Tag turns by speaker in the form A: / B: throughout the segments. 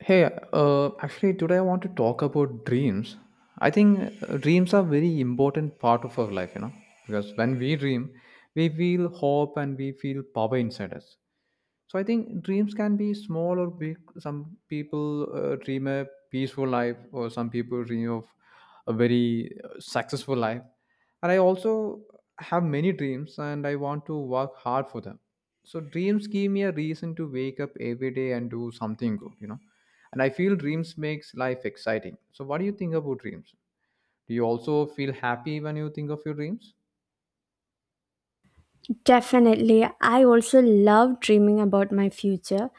A: Hey, actually, today I want to talk about dreams. I think dreams are very important part of our life, you know, because when we dream, we feel hope and we feel power inside us. So I think dreams can be small or big. Some people dream a peaceful life, or some people dream of a very successful life. And I also have many dreams, and I want to work hard for them. So dreams give me a reason to wake up every day and do something good. And I feel dreams makes life exciting. So what do you think about dreams? Do you also feel happy when you think of your dreams?
B: Definitely. I also love dreaming about my future.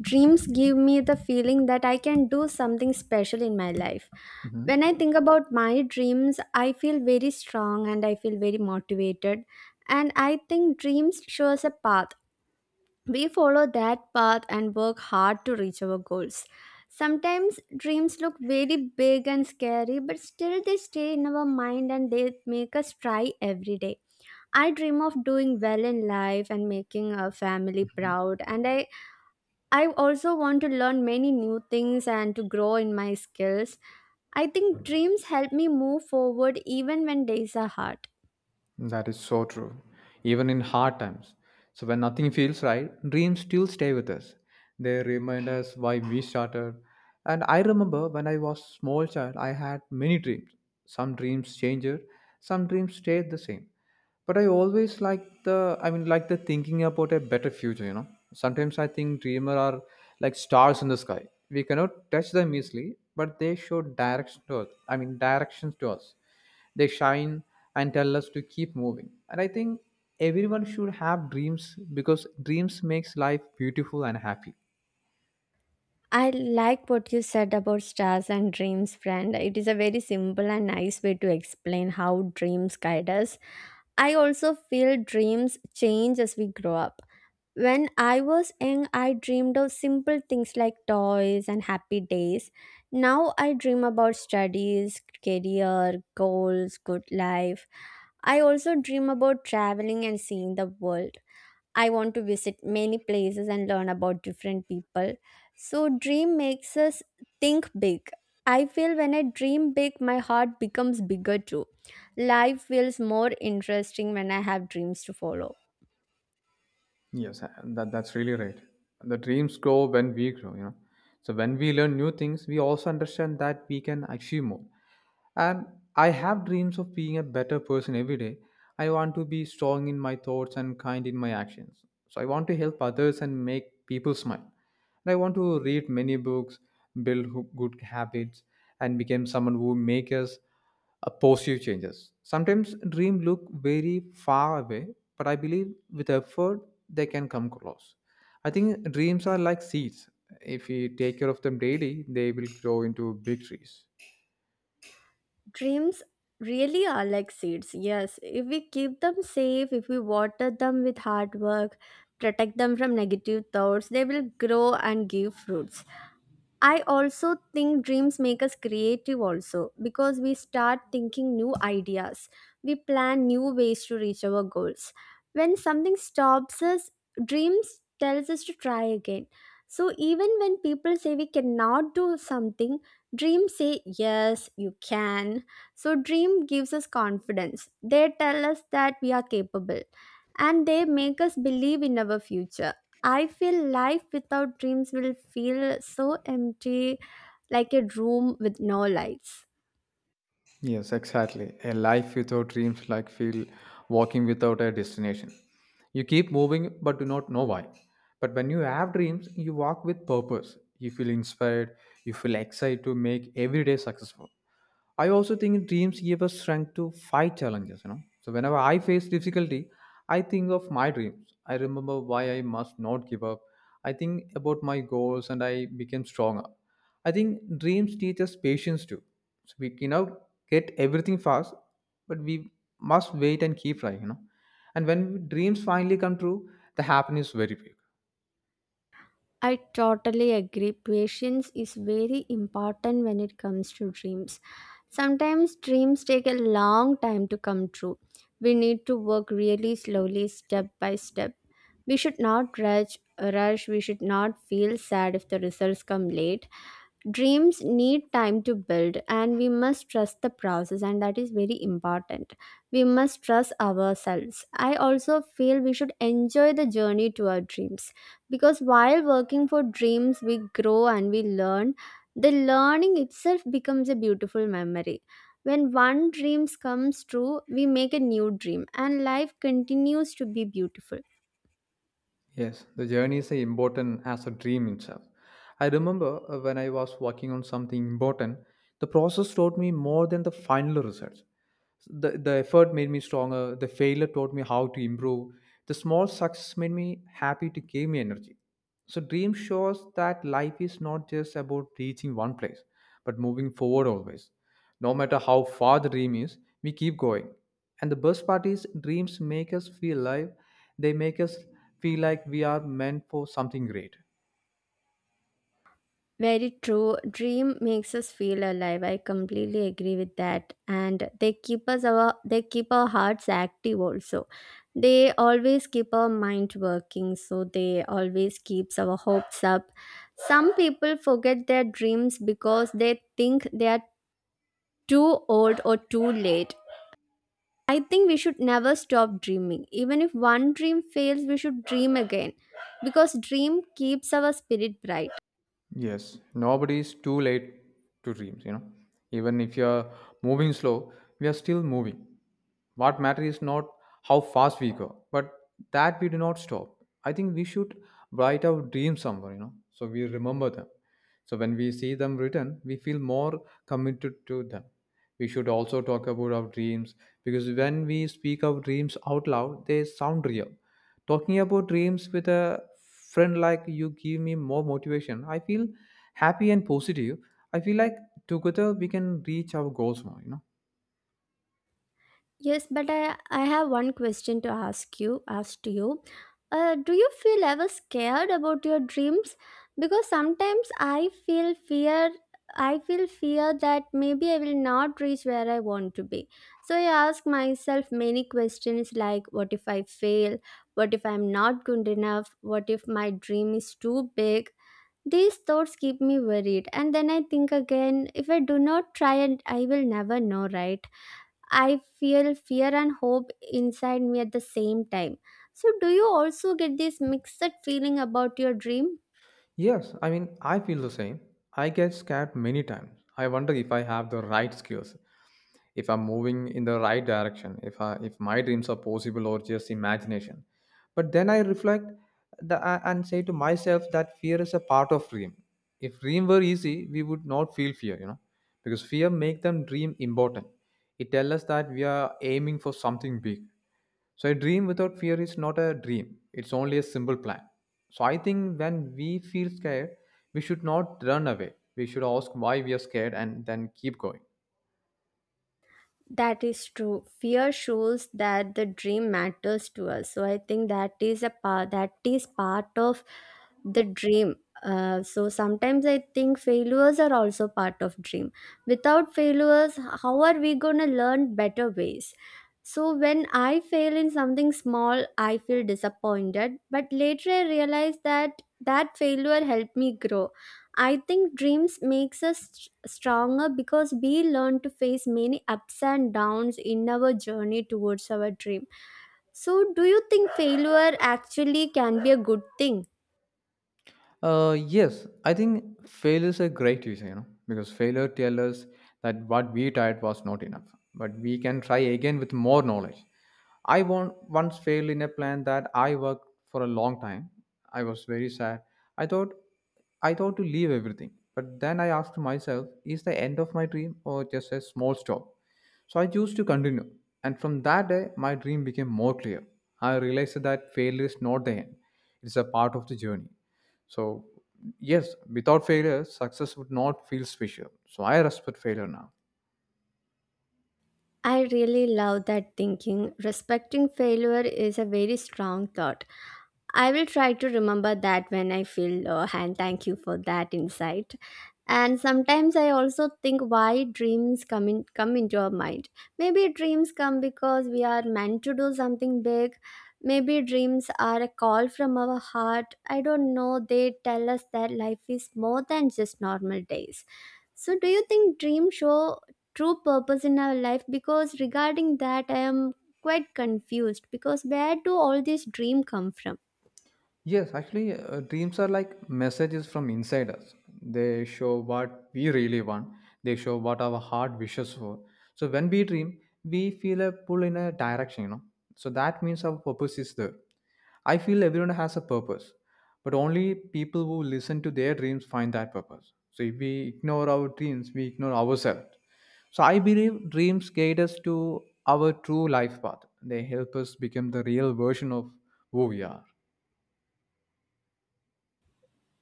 B: Dreams give me the feeling that I can do something special in my life.
A: Hmm.
B: When I think about my dreams, I feel very strong and I feel very motivated. And I think dreams show us a path. We follow that path and work hard to reach our goals. Sometimes dreams look very big and scary, but still they stay in our mind and they make us try every day. I dream of doing well in life and making a family proud, and I also want to learn many new things and to grow in my skills. I think dreams help me move forward even when days are hard.
A: That is so true. Even in hard times. So when nothing feels right, dreams still stay with us. They remind us why we started. And I remember when I was small child, I had many dreams. Some dreams changed, some dreams stayed the same. But I always like the I mean like the thinking about a better future, you know. Sometimes I think dreamer are like stars in the sky. We cannot touch them easily, but they show direction to us. I mean directions to us, they shine and tell us to keep moving. And I think everyone should have dreams because dreams makes life beautiful and happy.
B: I like what you said about stars and dreams, friend. It is a very simple and nice way to explain how dreams guide us. I also feel dreams change as we grow up. When I was young, I dreamed of simple things like toys and happy days. Now I dream about studies, career, goals, good life. I also dream about traveling and seeing the world. I want to visit many places and learn about different people. So, dream makes us think big. I feel when I dream big, my heart becomes bigger too. Life feels more interesting when I have dreams to follow.
A: Yes, and that's really right. The dreams grow when we grow, you know. So when we learn new things, we also understand that we can achieve more. And I have dreams of being a better person every day. I want to be strong in my thoughts and kind in my actions. So I want to help others and make people smile. And I want to read many books, good habits, and become someone who makes us a positive changes. Sometimes dreams look very far away, but I believe with effort they can come close. I think dreams are like seeds. If we take care of them daily, they will grow into big trees.
B: Dreams really are like seeds. Yes, if we keep them safe, if we water them with hard work, protect them from negative thoughts, they will grow and give fruits. I also think dreams make us creative also because we start thinking new ideas. We plan new ways to reach our goals. When something stops us, dreams tells us to try again. So even when people say we cannot do something, dreams say yes, you can. So dream gives us confidence. They tell us that we are capable and they make us believe in our future. I feel life without dreams will feel so empty, like a room with no lights.
A: Yes, exactly. A life without dreams like feel walking without a destination. You keep moving but do not know why. But when you have dreams, you walk with purpose. You feel inspired, you feel excited to make every day successful. I also think dreams give us strength to fight challenges, you know. So whenever I face difficulty, I think of my dreams. I remember why I must not give up. I think about my goals and I became stronger. I think dreams teach us patience too. So we cannot get everything fast, but we must wait and keep trying, you know. And when dreams finally come true, the happiness is very big.
B: I totally agree. Patience is very important when it comes to dreams. Sometimes dreams take a long time to come true. We need to work really slowly, step by step. We should not rush, rush. We should not feel sad if the results come late. Dreams need time to build, and we must trust the process, and that is very important. We must trust ourselves. I also feel we should enjoy the journey to our dreams, because while working for dreams we grow and we learn. The learning itself becomes a beautiful memory. When one dream comes true, we make a new dream and life continues to be beautiful.
A: Yes, the journey is important as a dream itself. I remember when I was working on something important, the process taught me more than the final results. The effort made me stronger, the failure taught me how to improve, the small success made me happy to give me energy. So, dream shows that life is not just about reaching one place, but moving forward always. No matter how far the dream is, we keep going. And the best part is, dreams make us feel alive. They make us feel like we are meant for something great.
B: Very true. Dream makes us feel alive. I completely agree with that. And they keep our hearts active also. They always keep our mind working, so they always keeps our hopes up. Some people forget their dreams because they think they are too old or too late. I think we should never stop dreaming. Even if one dream fails, we should dream again because dream keeps our spirit bright.
A: Yes, nobody is too late to dreams, you know. Even if you're moving slow, we are still moving. What matters is not how fast we go, but that we do not stop. I think we should write our dreams somewhere, you know, so we remember them. So when we see them written, we feel more committed to them. We should also talk about our dreams because when we speak our dreams out loud, they sound real. Talking about dreams with a friend like you give me more motivation. I feel happy and positive. I feel like together we can reach our goals more, you know.
B: Yes, but I have one question to ask you. Do you feel ever scared about your dreams? Because sometimes I feel fear. I feel fear that maybe I will not reach where I want to be. So I ask myself many questions like, what if I fail? What if I'm not good enough? What if my dream is too big? These thoughts keep me worried, and then I think again, if I do not try, and I will never know, right? I feel fear and hope inside me at the same time. So, do you also get this mixed feeling about your dream?
A: Yes, I mean, I feel the same. I get scared many times. I wonder if I have the right skills, if I'm moving in the right direction, if my dreams are possible or just imagination. But then I reflect and say to myself that fear is a part of dream. If dream were easy, we would not feel fear, you know, because fear make them dream important. It tells us that we are aiming for something big. So a dream without fear is not a dream. It's only a simple plan. So I think when we feel scared, we should not run away. We should ask why we are scared and then keep going.
B: That is true. Fear shows that the dream matters to us. So I think that is part of the dream. So sometimes I think failures are also part of dream. Without failures, how are we gonna learn better ways? So when I fail in something small, I feel disappointed. But later I realize that that failure helped me grow. I think dreams makes us stronger because we learn to face many ups and downs in our journey towards our dream. So do you think failure actually can be a good thing?
A: Yes, I think failure is a great teacher, you know, because failure tells us that what we tried was not enough, but we can try again with more knowledge. Once failed in a plan that I worked for a long time. I was very sad. I thought I thought to leave everything, but then I asked myself, is the end of my dream or just a small stop? So I chose to continue, and from that day, my dream became more clear. I realized that failure is not the end; it's a part of the journey. So, yes, without failure, success would not feel special. So, I respect failure now.
B: I really love that thinking. Respecting failure is a very strong thought. I will try to remember that when I feel low, and thank you for that insight. And sometimes I also think why dreams come into our mind. Maybe dreams come because we are meant to do something big. Maybe dreams are a call from our heart. I don't know. They tell us that life is more than just normal days. So, do you think dreams show true purpose in our life? Because regarding that, I am quite confused. Because where do all these dreams come from?
A: Yes, actually, dreams are like messages from inside us. They show what we really want, they show what our heart wishes for. So, when we dream, we feel a pull in a direction, you know. So, that means our purpose is there. I feel everyone has a purpose, but only people who listen to their dreams find that purpose. So, if we ignore our dreams, we ignore ourselves. So, I believe dreams guide us to our true life path, they help us become the real version of who we are.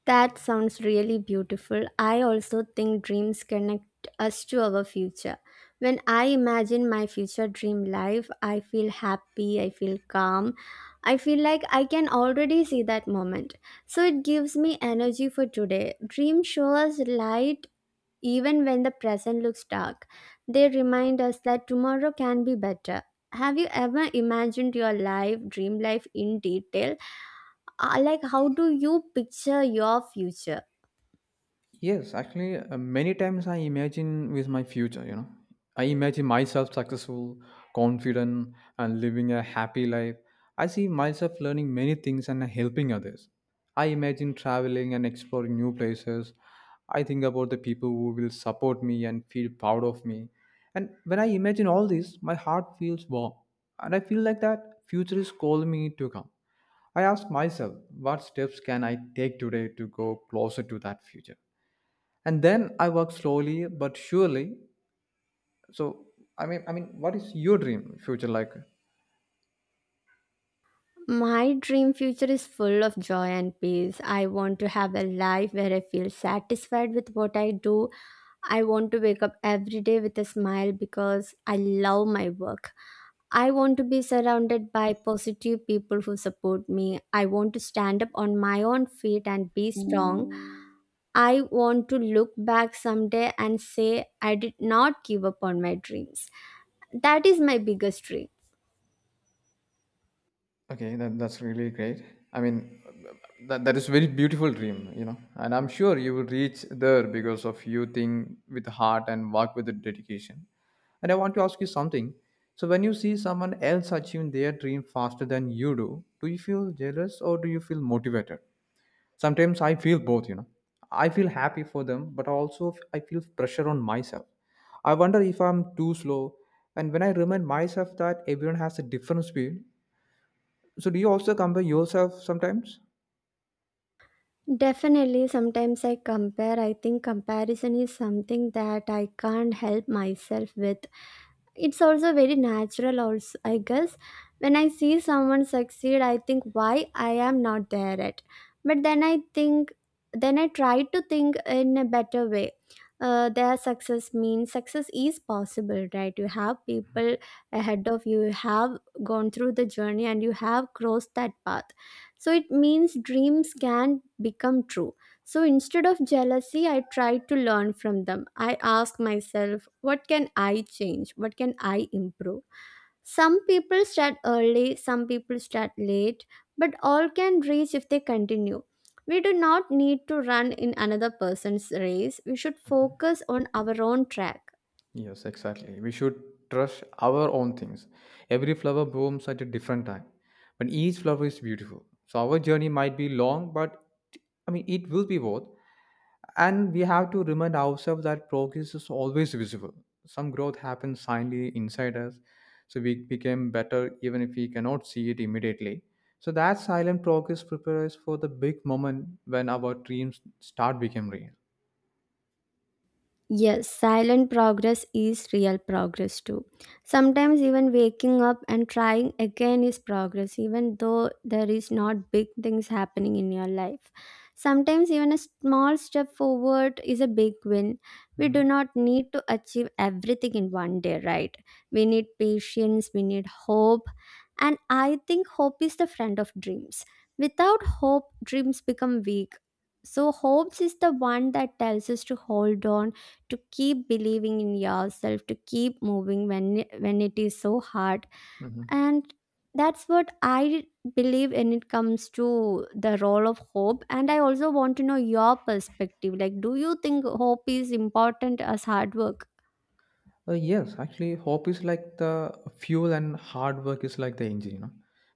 B: That sounds really beautiful. I also think dreams connect us to our future. When I imagine my future dream life, I feel happy, I feel calm, I feel like I can already see that moment. So it gives me energy for today. Dreams show us light even when the present looks dark. They remind us that tomorrow can be better. Have you ever imagined your life, dream life in detail? Like, how do you picture your future?
A: Yes, actually, many times I imagine with my future, you know. I imagine myself successful, confident, and living a happy life. I see myself learning many things and helping others. I imagine traveling and exploring new places. I think about the people who will support me and feel proud of me. And when I imagine all this, my heart feels warm. And I feel like that future is calling me to come. I ask myself, what steps can I take today to go closer to that future? And then I work slowly but surely. So I mean, what is your dream future like?
B: My dream future is full of joy and peace. I want to have a life where I feel satisfied with what I do. I want to wake up every day with a smile because I love my work. I want to be surrounded by positive people who support me. I want to stand up on my own feet and be strong. I want to look back someday and say I did not give up on my dreams. That is my biggest dream.
A: Okay, that's really great. I mean, that is very beautiful dream, you know, and I'm sure you will reach there because of you think with heart and work with the dedication. And I want to ask you something. So when you see someone else achieving their dream faster than you do, do you feel jealous or do you feel motivated? Sometimes I feel both, you know. I feel happy for them but also I feel pressure on myself. I wonder if I'm too slow, and when I remind myself that everyone has a different speed. So do you also compare yourself sometimes?
B: Definitely, sometimes I compare. I think comparison is something that I can't help myself with. It's also very natural also, I guess. When I see someone succeed, I think why I am not there yet. But then I think, then I try to think in a better way. Their success means success is possible, right? You have people ahead of you, you have gone through the journey and you have crossed that path. So it means dreams can become true. So instead of jealousy, I try to learn from them. I ask myself, what can I change? What can I improve? Some people start early, some people start late, but all can reach if they continue. We do not need to run in another person's race. We should focus on our own track.
A: Yes, exactly. We should trust our own things. Every flower blooms at a different time, but each flower is beautiful. So our journey might be long, but I mean it will be worth. And we have to remind ourselves that progress is always visible. Some growth happens silently inside us, so we became better even if we cannot see it immediately. So that silent progress prepares us for the big moment when our dreams start becoming real.
B: Yes, silent progress is real progress too. Sometimes even waking up and trying again is progress, even though there is not big things happening in your life. Sometimes even a small step forward is a big win. We do
A: Mhm.
B: not need to achieve everything in one day, right? We need patience, we need hope, and I think hope is the friend of dreams. Without hope, dreams become weak. So, hopes is the one that tells us to hold on, to keep believing in yourself, to keep moving when it is so hard.
A: Mhm.
B: And that's what I believe when it comes to the role of hope. And I also want to know your perspective, like, do you think hope is important as hard work?
A: Yes, actually, hope is like the fuel and hard work is like the engine, you know,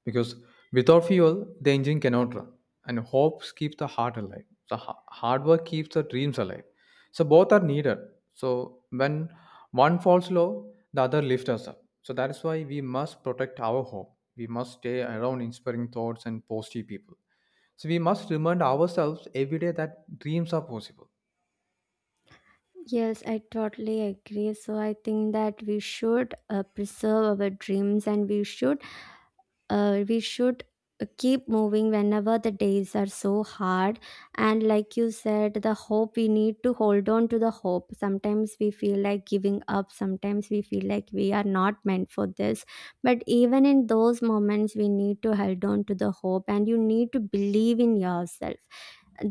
A: because without fuel, the engine cannot run. And hopes keep the heart alive. So hard work keeps the dreams alive. So both are needed. So when one falls low, the other lifts us up. So that is why we must protect our hope. We must stay around inspiring thoughts and positive people. So we must remind ourselves every day that dreams are possible.
B: Yes, I totally agree. So I think that we should preserve our dreams, and we should keep moving whenever the days are so hard. And like you said, the hope, we need to hold on to the hope. Sometimes we feel like giving up, sometimes we feel like we are not meant for this, but even in those moments we need to hold on to the hope and you need to believe in yourself.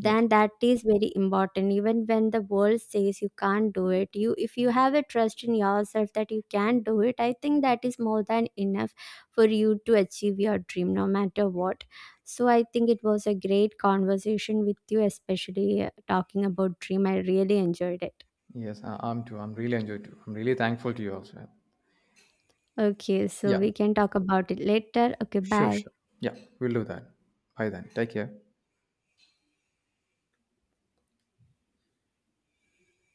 A: Yes.
B: that is very important. Even when the world says you can't do it, you, if you have a trust in yourself that you can do it, I think that is more than enough for you to achieve your dream no matter what. So I think it was a great conversation with you, especially talking about dream. I really enjoyed it.
A: Yes, I'm too. I'm really enjoyed too. I'm really thankful to you also.
B: Okay, so
A: Yeah,
B: we can talk about it later. Okay,
A: sure,
B: bye.
A: sure. Yeah, we'll do that. Bye then. Take care.